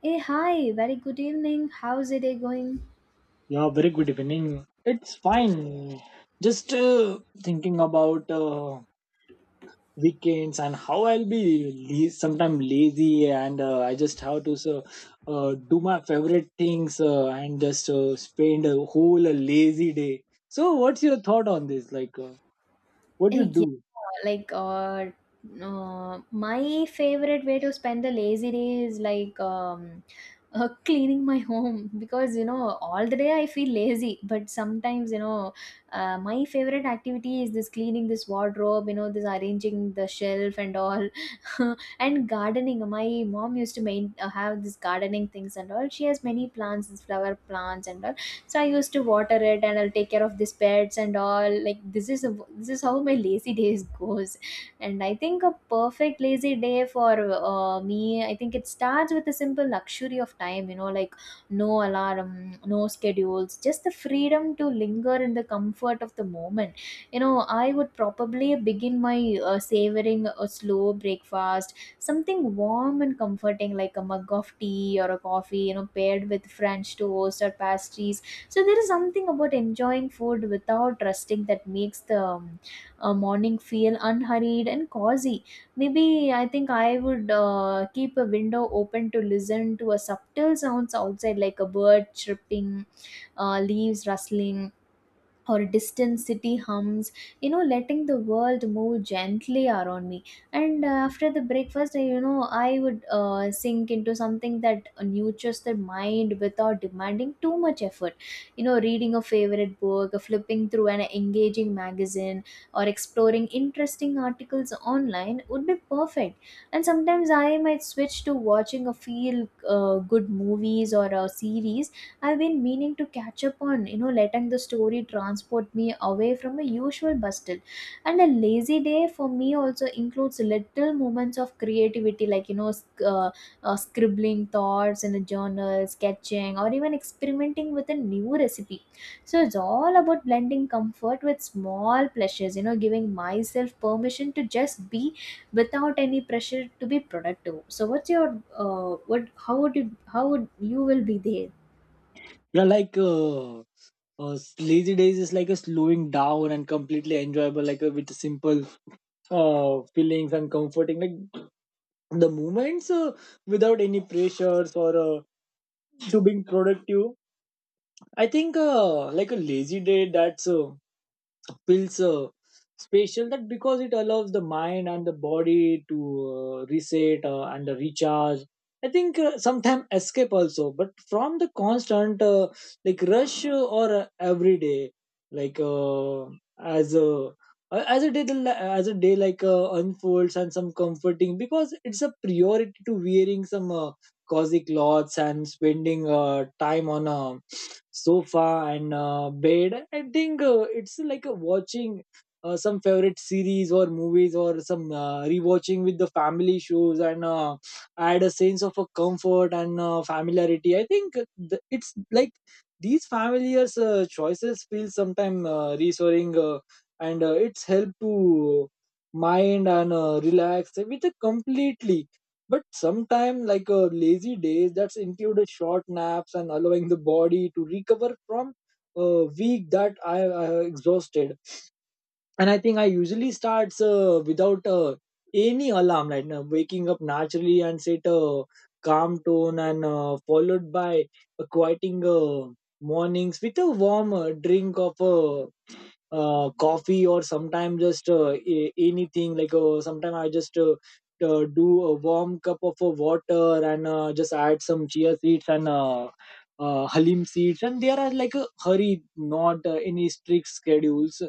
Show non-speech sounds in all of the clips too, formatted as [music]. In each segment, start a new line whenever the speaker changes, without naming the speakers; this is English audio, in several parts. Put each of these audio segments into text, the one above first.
Hey, hi, very good evening. How's the day going?
Yeah, very good evening. It's fine. Just thinking about weekends and how I'll sometimes lazy, and I just have to do my favorite things and just spend a whole lazy day. So, what's your thought on this?
[laughs]
What you
Eh, Yeah,
do?
like uh, uh, my favorite way to spend a lazy day is like, [laughs] cleaning my home because you know all the day I feel lazy. But sometimes you know, my favorite activity is this cleaning this wardrobe, you know, this arranging the shelf and all, [laughs] and gardening. My mom used to main have this gardening things and all. She has many plants, these flower plants and all, so I used to water it, and I'll take care of these pets and all. Like this is how my lazy days goes. And I think a perfect lazy day for me, I think it starts with a simple luxury of time, you know, like no alarm, no schedules, just the freedom to linger in the comfort of the moment, you know. I would probably begin my savoring a slow breakfast, something warm and comforting like a mug of tea or a coffee, you know, paired with french toast or pastries. So there is something about enjoying food without resting that makes the morning feel unhurried and cozy. Maybe I think I would keep a window open to listen to a subtle sounds outside, like a bird chirping, leaves rustling, or distant city hums, you know, letting the world move gently around me. And after the breakfast, you know, I would sink into something that nurtures the mind without demanding too much effort, you know, reading a favorite book, flipping through an engaging magazine, or exploring interesting articles online would be perfect. And sometimes I might switch to watching a feel good movies or a series I've been meaning to catch up on, you know, letting the story transport me away from a usual bustle. And a lazy day for me also includes little moments of creativity, like, you know, scribbling thoughts in a journal, sketching, or even experimenting with a new recipe. So it's all about blending comfort with small pleasures, you know, giving myself permission to just be without any pressure to be productive. So what's your what how would you will be there?
You're like uh, Lazy days is like a slowing down and completely enjoyable, with simple feelings and comforting. Like, the movements without any pressures or to being productive. I think like a lazy day that's feels special, that because it allows the mind and the body to reset and recharge. I think sometimes escape also, but from the constant like rush or every day, like uh, as uh, a as a day as a day unfolds, and some comforting because it's a priority to wearing some cozy clothes and spending time on a sofa and bed. I think it's like watching some favorite series or movies, or some rewatching with the family shows, and add a sense of a comfort and familiarity. I think it's like these familiar choices feel sometimes reassuring, and it's help to mind and relax with a completely. But sometime like a lazy days that's included short naps and allowing the body to recover from a week that I exhausted. And I think I usually starts without any alarm, right now waking up naturally and set a calm tone, and followed by a quieting mornings with a warm drink of coffee, or sometimes just anything, like sometimes I just do a warm cup of water and just add some chia seeds and halim seeds, and there are like a hurry, not any strict schedules.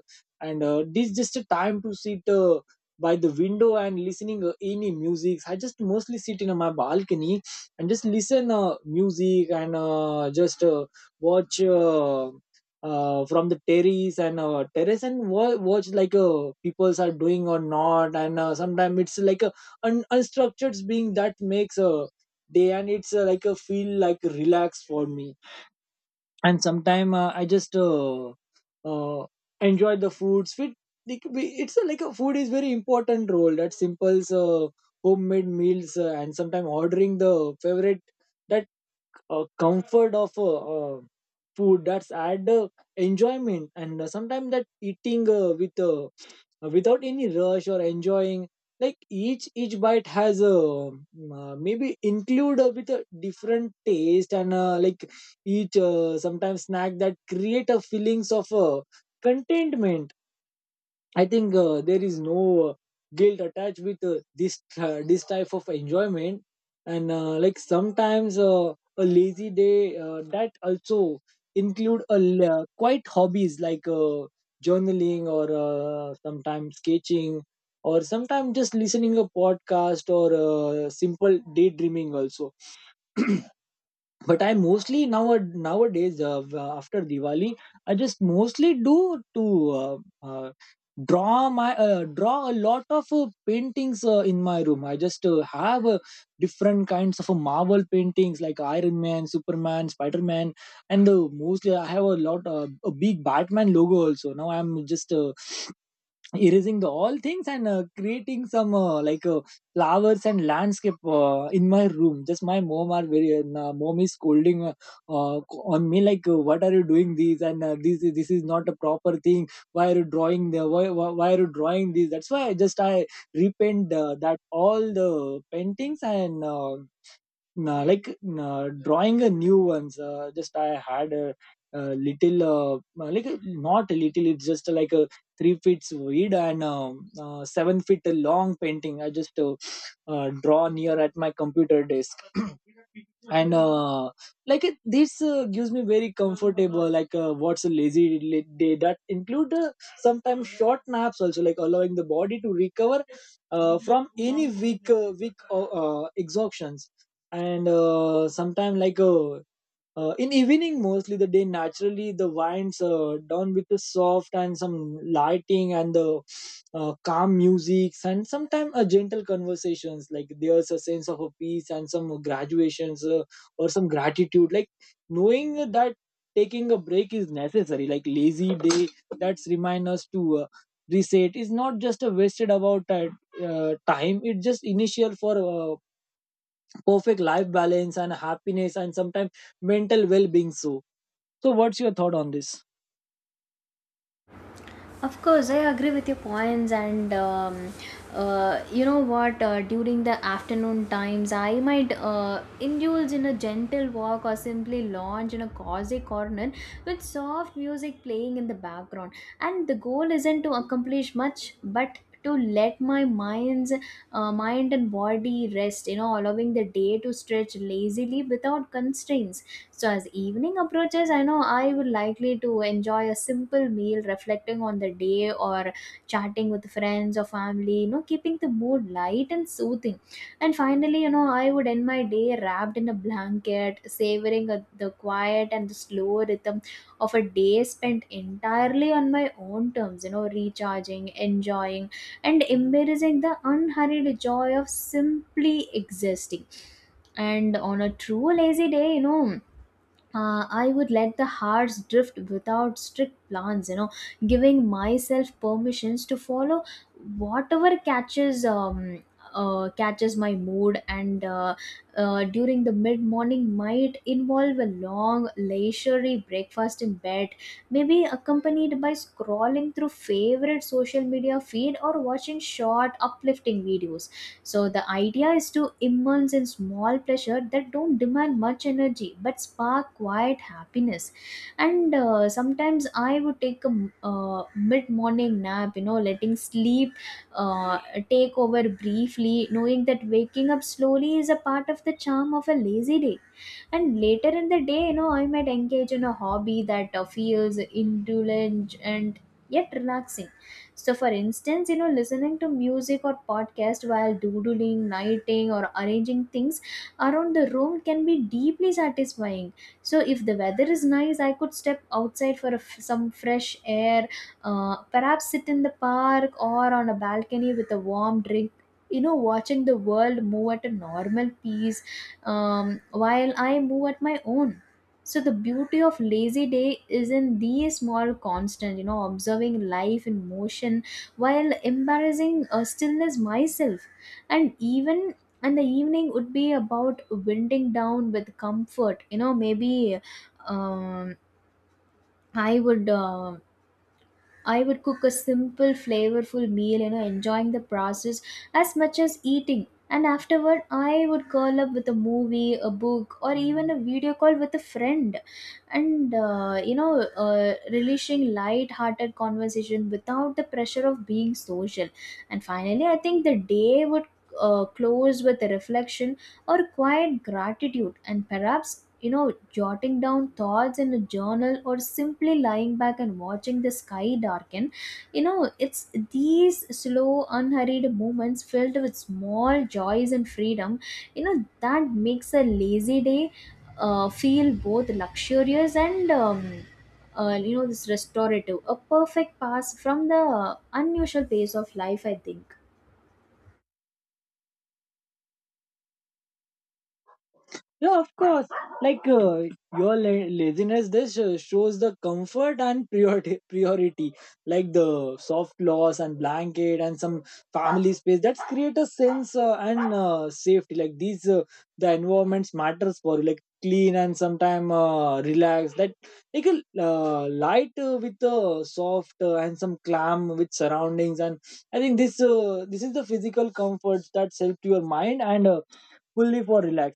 And this just a time to sit by the window and listening any music. I just mostly sit in my balcony and just listen music and just watch from the terrace and terrace and watch like peoples are doing or not. And sometimes it's like a unstructured being that makes a day, and it's like a feel like relaxed for me. And sometimes I just uh, enjoy the foods fit. Like, it's a, like a food is very important role, that simples homemade meals, and sometimes ordering the favorite, that comfort of food, that's add enjoyment. And sometimes that eating with without any rush, or enjoying like each bite has a maybe include with a different taste, and like each, sometimes snack, that create a feelings of contentment. I think there is no guilt attached with this type of enjoyment, and like sometimes a lazy day that also include a quite hobbies like journaling, or sometimes sketching, or sometimes just listening a podcast, or simple daydreaming also. But I mostly now nowadays after Diwali, I just mostly do to uh, uh, draw my, draw a lot of paintings in my room. I just have different kinds of Marvel paintings, like Iron Man, Superman, Spider-Man. And mostly I have a lot, a big Batman logo also. Now I'm just erasing the all things, and creating some, like flowers and landscape in my room. Just my mom are very, mom is scolding uh, on me, like, what are you doing this? And this is not a proper thing. Why are you drawing the, why are you drawing this? That's why I repaint, that all the paintings and drawing a new ones. Just I had a little, like not a little, it's just like a 3 feet wide and 7 feet long painting. I just draw near at my computer desk. [clears throat] And like it, this gives me very comfortable, like what's a lazy day that include sometimes short naps also, like allowing the body to recover from any weak exhaustion. And sometime like in evening, mostly the day naturally the winds down with the soft and some lighting, and the calm music, and sometimes a gentle conversations, like there's a sense of a peace and some graduations, or some gratitude, like knowing that taking a break is necessary. Like lazy day that's remind us to reset, is not just a wasted about time. It's just initial for perfect life balance and happiness, and sometimes mental well-being. So, what's your thought on this?
Of course, I agree with your points. And you know what? During the afternoon times, I might indulge in a gentle walk or simply lounge in a cozy corner with soft music playing in the background. And the goal isn't to accomplish much, but to let my mind and body rest. You know, allowing the day to stretch lazily without constraints. So as evening approaches, I know I would likely to enjoy a simple meal, reflecting on the day, or chatting with friends or family, you know, keeping the mood light and soothing. And finally, you know, I would end my day wrapped in a blanket, savoring the quiet and the slow rhythm of a day spent entirely on my own terms, you know, recharging, enjoying, and embracing the unhurried joy of simply existing. And on a true lazy day, you know, I would let the hearts drift without strict plans, you know, giving myself permissions to follow whatever catches my mood. And during the mid morning might involve a long, leisurely breakfast in bed, maybe accompanied by scrolling through favorite social media feed or watching short, uplifting videos. So the idea is to immerse in small pleasure that don't demand much energy but spark quiet happiness. And sometimes I would take a mid-morning nap, you know, letting sleep uh, take over briefly, knowing that waking up slowly is a part of the charm of a lazy day. And later in the day, you know, I might engage in a hobby that feels indulgent and yet relaxing. So, for instance, you know, listening to music or podcast while doodling, nighting, or arranging things around the room can be deeply satisfying. So if the weather is nice, I could step outside for some fresh air, perhaps sit in the park or on a balcony with a warm drink. You know, watching the world move at a normal pace, while I move at my own. So the beauty of lazy day is in these small constant, you know, observing life in motion while embarrassing stillness myself. And even and the evening would be about winding down with comfort. You know, maybe um, I would. um I would cook a simple, flavorful meal, you know, enjoying the process as much as eating. And afterward, I would curl up with a movie, a book, or even a video call with a friend. And you know, relishing light hearted conversation without the pressure of being social. And finally, I think the day would close with a reflection or quiet gratitude, and perhaps, you know, jotting down thoughts in a journal or simply lying back and watching the sky darken. You know, it's these slow unhurried moments filled with small joys and freedom, you know, that makes a lazy day feel both luxurious and you know, this restorative, a perfect pass from the unusual pace of life, I think.
Yeah, of course. Like, your laziness, this shows the comfort and priority. Priority, like the soft cloths and blanket, and some family space, that's create a sense and safety. Like these, the environments matters for you. Like clean and sometime relaxed. That like a light with soft and some calm with surroundings. And I think this is the physical comfort that's helped your mind and fully for relax.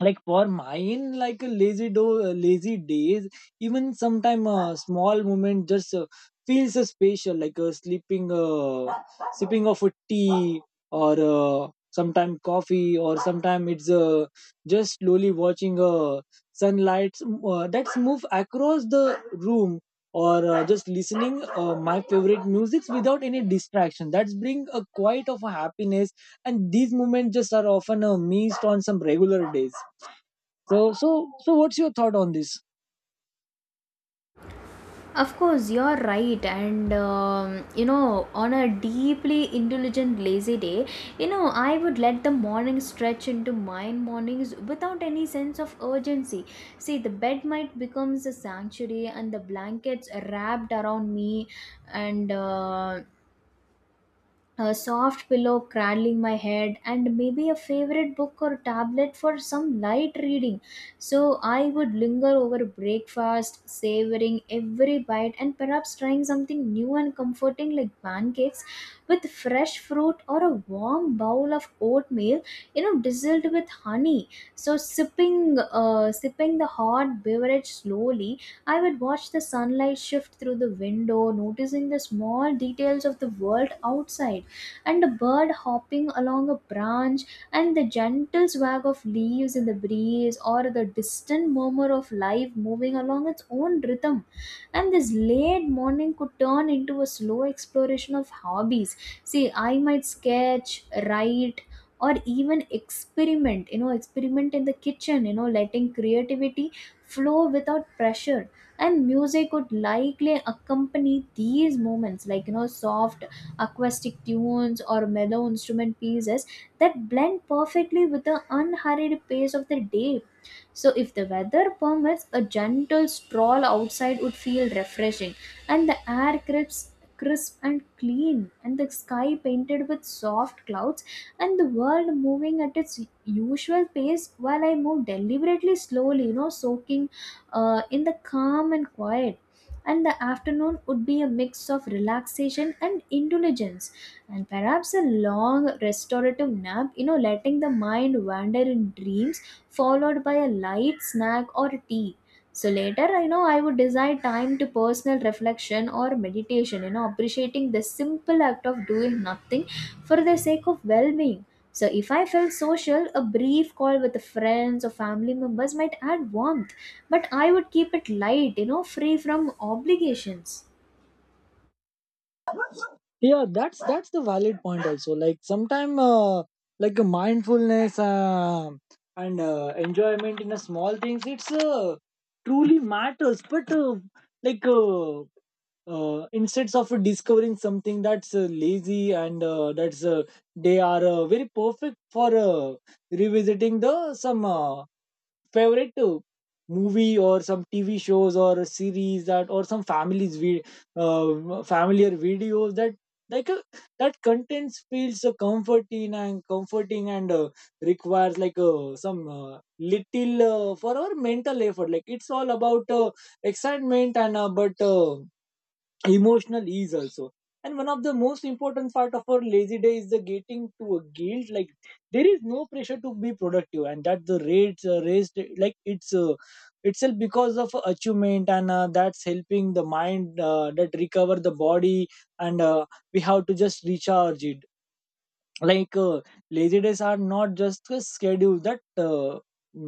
Like for mine, like a lazy days, even sometime a small moment just feels special, like sleeping, sipping of a tea, or sometime coffee, or sometime it's just slowly watching sunlight that's move across the room, or just listening my favorite musics without any distraction, that's bring a quiet of a happiness. And these moments just are often missed on some regular days. So so so what's your thought on this?
Of course, you're right. And you know, on a deeply intelligent, lazy day, you know, I would let the morning stretch into my mornings without any sense of urgency. See, the bed might becomes a sanctuary and the blankets wrapped around me, and a soft pillow cradling my head, and maybe a favorite book or tablet for some light reading. So I would linger over breakfast, savoring every bite, and perhaps trying something new and comforting like pancakes with fresh fruit or a warm bowl of oatmeal, you know, drizzled with honey. So sipping the hot beverage slowly, I would watch the sunlight shift through the window, noticing the small details of the world outside, and a bird hopping along a branch, and the gentle swag of leaves in the breeze, or the distant murmur of life moving along its own rhythm. And this late morning could turn into a slow exploration of hobbies. See, I might sketch, write, or even experiment, you know, experiment in the kitchen, you know, letting creativity flow without pressure. And music would likely accompany these moments, like, you know, soft acoustic tunes or mellow instrument pieces that blend perfectly with the unhurried pace of the day. So if the weather permits, a gentle stroll outside would feel refreshing, and the air crisp, crisp and clean, and the sky painted with soft clouds, and the world moving at its usual pace while I move deliberately slowly, you know, soaking in the calm and quiet. And the afternoon would be a mix of relaxation and indulgence, and perhaps a long restorative nap, you know, letting the mind wander in dreams, followed by a light snack or tea. So later, I know I would decide time to personal reflection or meditation, you know, appreciating the simple act of doing nothing for the sake of well being. So if I felt social, a brief call with friends or family members might add warmth, but I would keep it light, you know, free from obligations.
Yeah, that's the valid point also, like sometime like a mindfulness, and enjoyment in a small things, it's truly matters. But like uh, instead of discovering something that's lazy and that's they are very perfect for revisiting the some favorite movie, or some TV shows, or series, that or some families we, familiar videos, that like that contents feels so comforting and requires like some little for our mental effort. Like it's all about excitement, and but emotional ease also. And one of the most important part of our lazy day is the getting to a guilt, like there is no pressure to be productive, and that the rates raised, like it's itself because of achievement and that's helping the mind that recover the body, and we have to just recharge it. Like, lazy days are not just a schedule, that uh,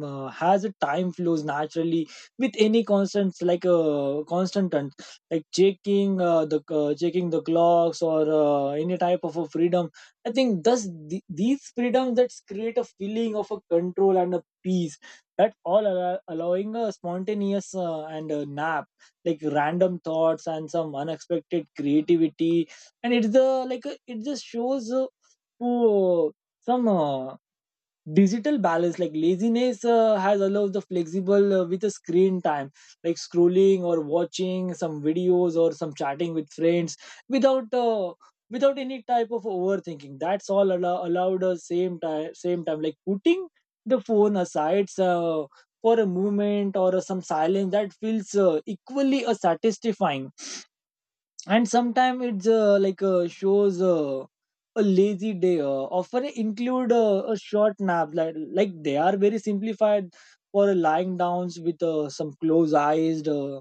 uh, has a time flows naturally with any constant, like constant and like checking the checking the clocks, or any type of a freedom. I think these freedoms that create a feeling of a control and a peace, that allowing a spontaneous, and a nap, like random thoughts and some unexpected creativity. And it's the, like it just shows, Oh, some digital balance, like laziness has allowed the flexible with a screen time, like scrolling, or watching some videos, or some chatting with friends, without uh, without any type of overthinking. That's allowed same time, like putting the phone aside for a moment, or some silence that feels equally satisfying. And sometimes it's like shows a lazy day often include a short nap, like they are very simplified for lying downs with some closed eyes, uh,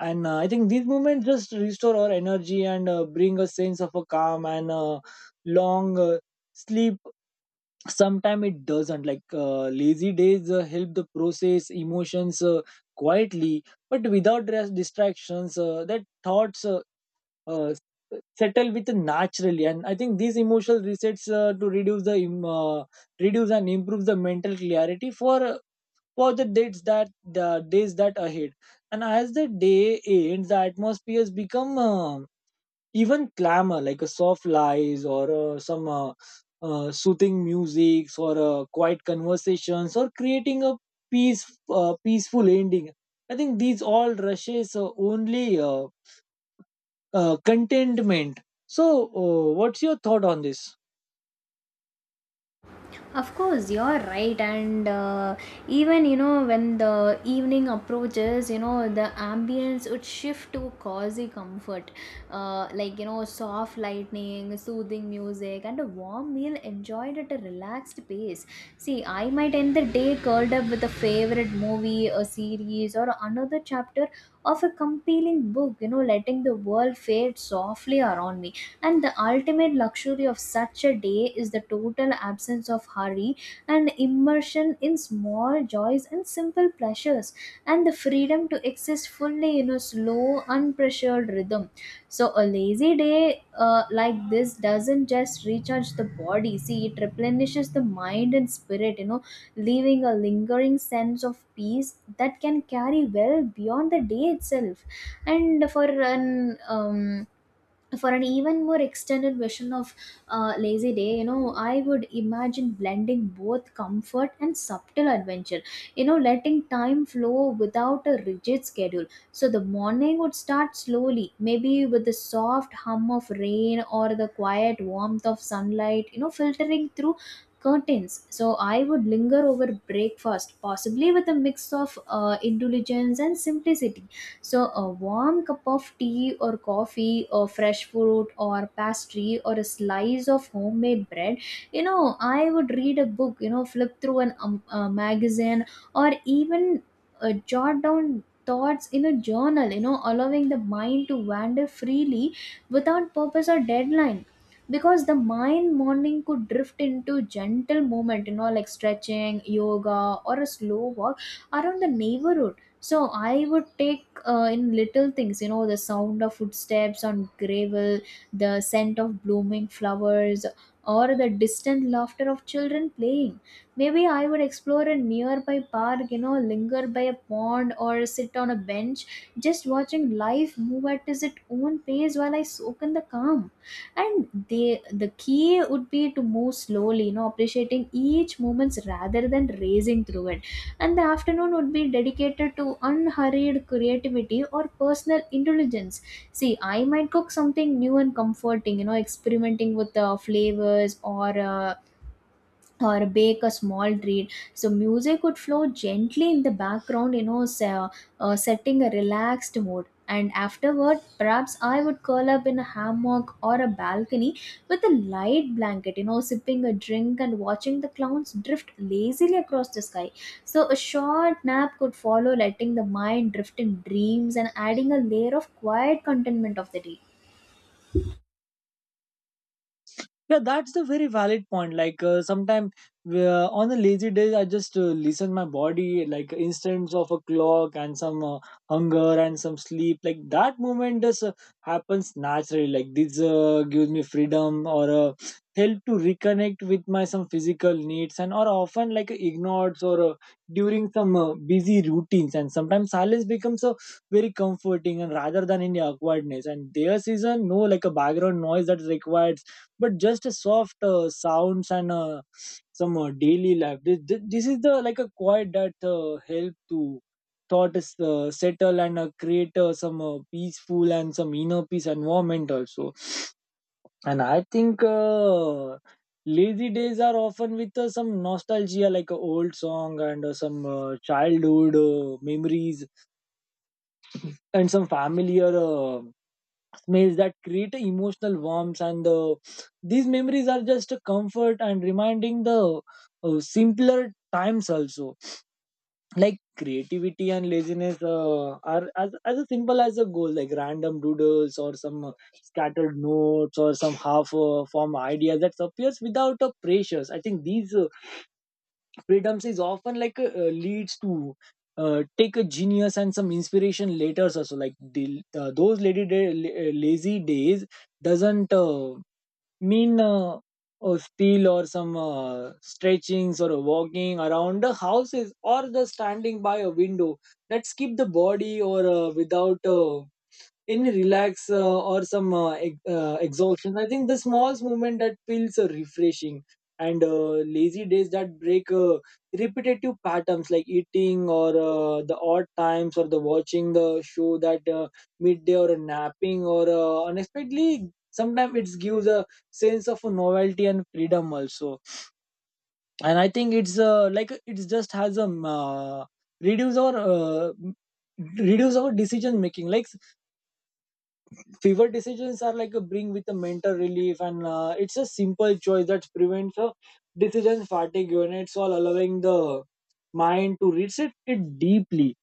and uh, I think these movements just restore our energy and bring a sense of a calm and long sleep. Sometimes it doesn't, like lazy days help the process emotions quietly, but without rest distractions that thoughts, uh, s- settle with naturally. And I think these emotional resets to reduce the reduce and improve the mental clarity for the dates that the days that ahead. And as the day ends, the atmospheres become even clamor, like a soft lies, or some soothing music, or quiet conversations, or creating a peace, peaceful ending. I think these all rushes only contentment. So, what's your thought on this?
Of course, you're right. And even, you know, when the evening approaches, you know, the ambience would shift to cozy comfort, like, you know, soft lightning, soothing music, and a warm meal enjoyed at a relaxed pace. See, I might end the day curled up with a favorite movie, a series, or another chapter of a compelling book. You know, letting the world fade softly around me, and the ultimate luxury of such a day is the total absence of hurry and immersion in small joys and simple pleasures, and the freedom to exist fully in a slow, unpressured rhythm. So a lazy day, like this, doesn't just recharge the body. See, it replenishes the mind and spirit, you know, leaving a lingering sense of peace that can carry well beyond the day itself. And an um, for an even more extended version of lazy day, you know, I would imagine blending both comfort and subtle adventure, you know, letting time flow without a rigid schedule. So the morning would start slowly, maybe with the soft hum of rain or the quiet warmth of sunlight, you know, filtering through curtains. So I would linger over breakfast, possibly with a mix of indulgence and simplicity. So a warm cup of tea or coffee, or fresh fruit, or pastry, or a slice of homemade bread. You know, I would read a book, you know, flip through an a magazine, or even jot down thoughts in a journal, you know, allowing the mind to wander freely without purpose or deadline. Because the mind morning could drift into gentle movement, you know, like stretching yoga or a slow walk around the neighborhood. So I would take in little things, you know, the sound of footsteps on gravel, the scent of blooming flowers, or the distant laughter of children playing. Maybe I would explore a nearby park, you know, linger by a pond or sit on a bench just watching life move at its own pace while I soak in the calm. And the key would be to move slowly, you know, appreciating each moment rather than racing through it. And the afternoon would be dedicated to unhurried creativity or personal intelligence. See, I might cook something new and comforting, you know, experimenting with the flavors, or bake a small treat. So music would flow gently in the background, you know, setting a relaxed mood. And afterward, perhaps I would curl up in a hammock or a balcony with a light blanket, you know, sipping a drink and watching the clouds drift lazily across the sky. So a short nap could follow, letting the mind drift in dreams and adding a layer of quiet contentment of the day.
Yeah, that's a very valid point. Like sometimes on a lazy day, I just listen my body, like instance of a clock and some hunger and some sleep. Like that moment just happens naturally. Like this gives me freedom or help to reconnect with my some physical needs and or often like ignored or during some busy routines. And sometimes silence becomes a very comforting and rather than any awkwardness. And there is a no like a background noise that's required but just a soft sounds and some daily life this is the like a quiet that help to thoughts settle and create some peaceful and some inner peace environment also, and I think lazy days are often with some nostalgia like a old song and some childhood memories and some familiar meals that create emotional warmth, and these memories are just a comfort and reminding the simpler times also. Like creativity and laziness are as a simple as a goal like random doodles or some scattered notes or some half form ideas that appears without a pressures. I think these freedoms is often like leads to take a genius and some inspiration later also, like those lazy days doesn't mean or steal or some stretchings or walking around the houses or the standing by a window that keep the body or without in relax or some exhaustion. I think the small movement that feels refreshing, and lazy days that break repetitive patterns like eating or the odd times or the watching the show that midday or a napping or unexpectedly sometimes it gives a sense of novelty and freedom also. And I think it's like it's just has a reduce our uh, reduce our decision making, like fever decisions are like a bring with a mental relief, and it's a simple choice that prevents a decision fatigue and it's all allowing the mind to reset it deeply.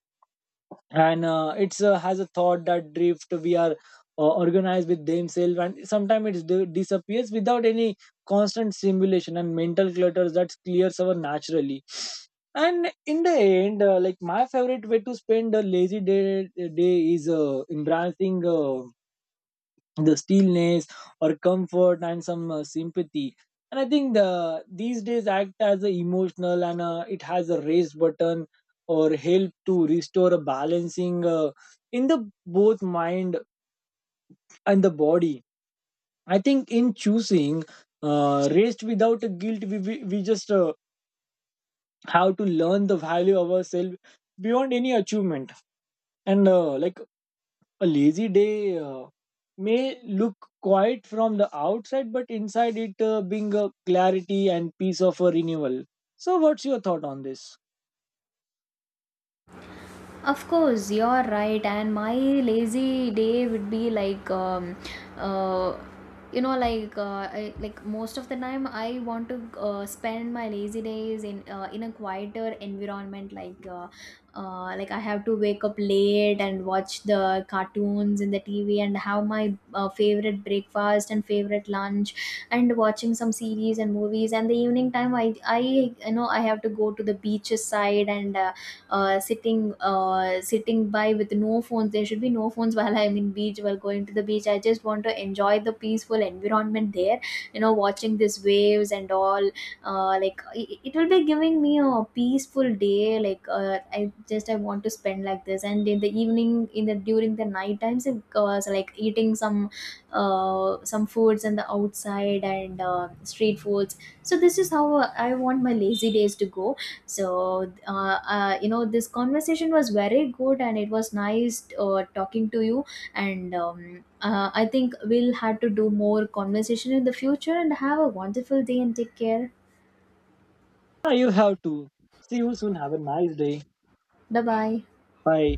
And it's has a thought that drift we are organized with themselves, and sometimes it disappears without any constant simulation and mental clutters that clears our naturally. And in the end like my favorite way to spend a lazy day is embracing the stillness or comfort and some sympathy. And I think the these days act as a emotional, and it has a raise button or help to restore a balancing in the both mind and the body. I think in choosing rest without a guilt, we just have to learn the value of ourselves beyond any achievement. And like a lazy day may look quiet from the outside, but inside it being a clarity and peace of a renewal. So, what's your thought on this?
Of course, you're right. And my lazy day would be like, uh, you know, like, I, like most of the time, I want to spend my lazy days in a quieter environment. Like I have to wake up late and watch the cartoons in the TV and have my favorite breakfast and favorite lunch, and watching some series and movies. And the evening time, you know, I have to go to the beaches side and sitting by with no phones. There should be no phones while I'm in beach, while going to the beach. I just want to enjoy the peaceful environment there. You know, watching these waves and all. Like it will be giving me a peaceful day. Like I want to spend like this. And in the evening, in the during the night times, it goes like eating some foods and the outside and street foods. So this is how I want my lazy days to go. So, you know, this conversation was very good, and it was nice talking to you. And I think we'll have to do more conversation in the future and have a wonderful day and take care.
Yeah, you have to. See you soon. Have a nice day.
Bye bye.
Bye.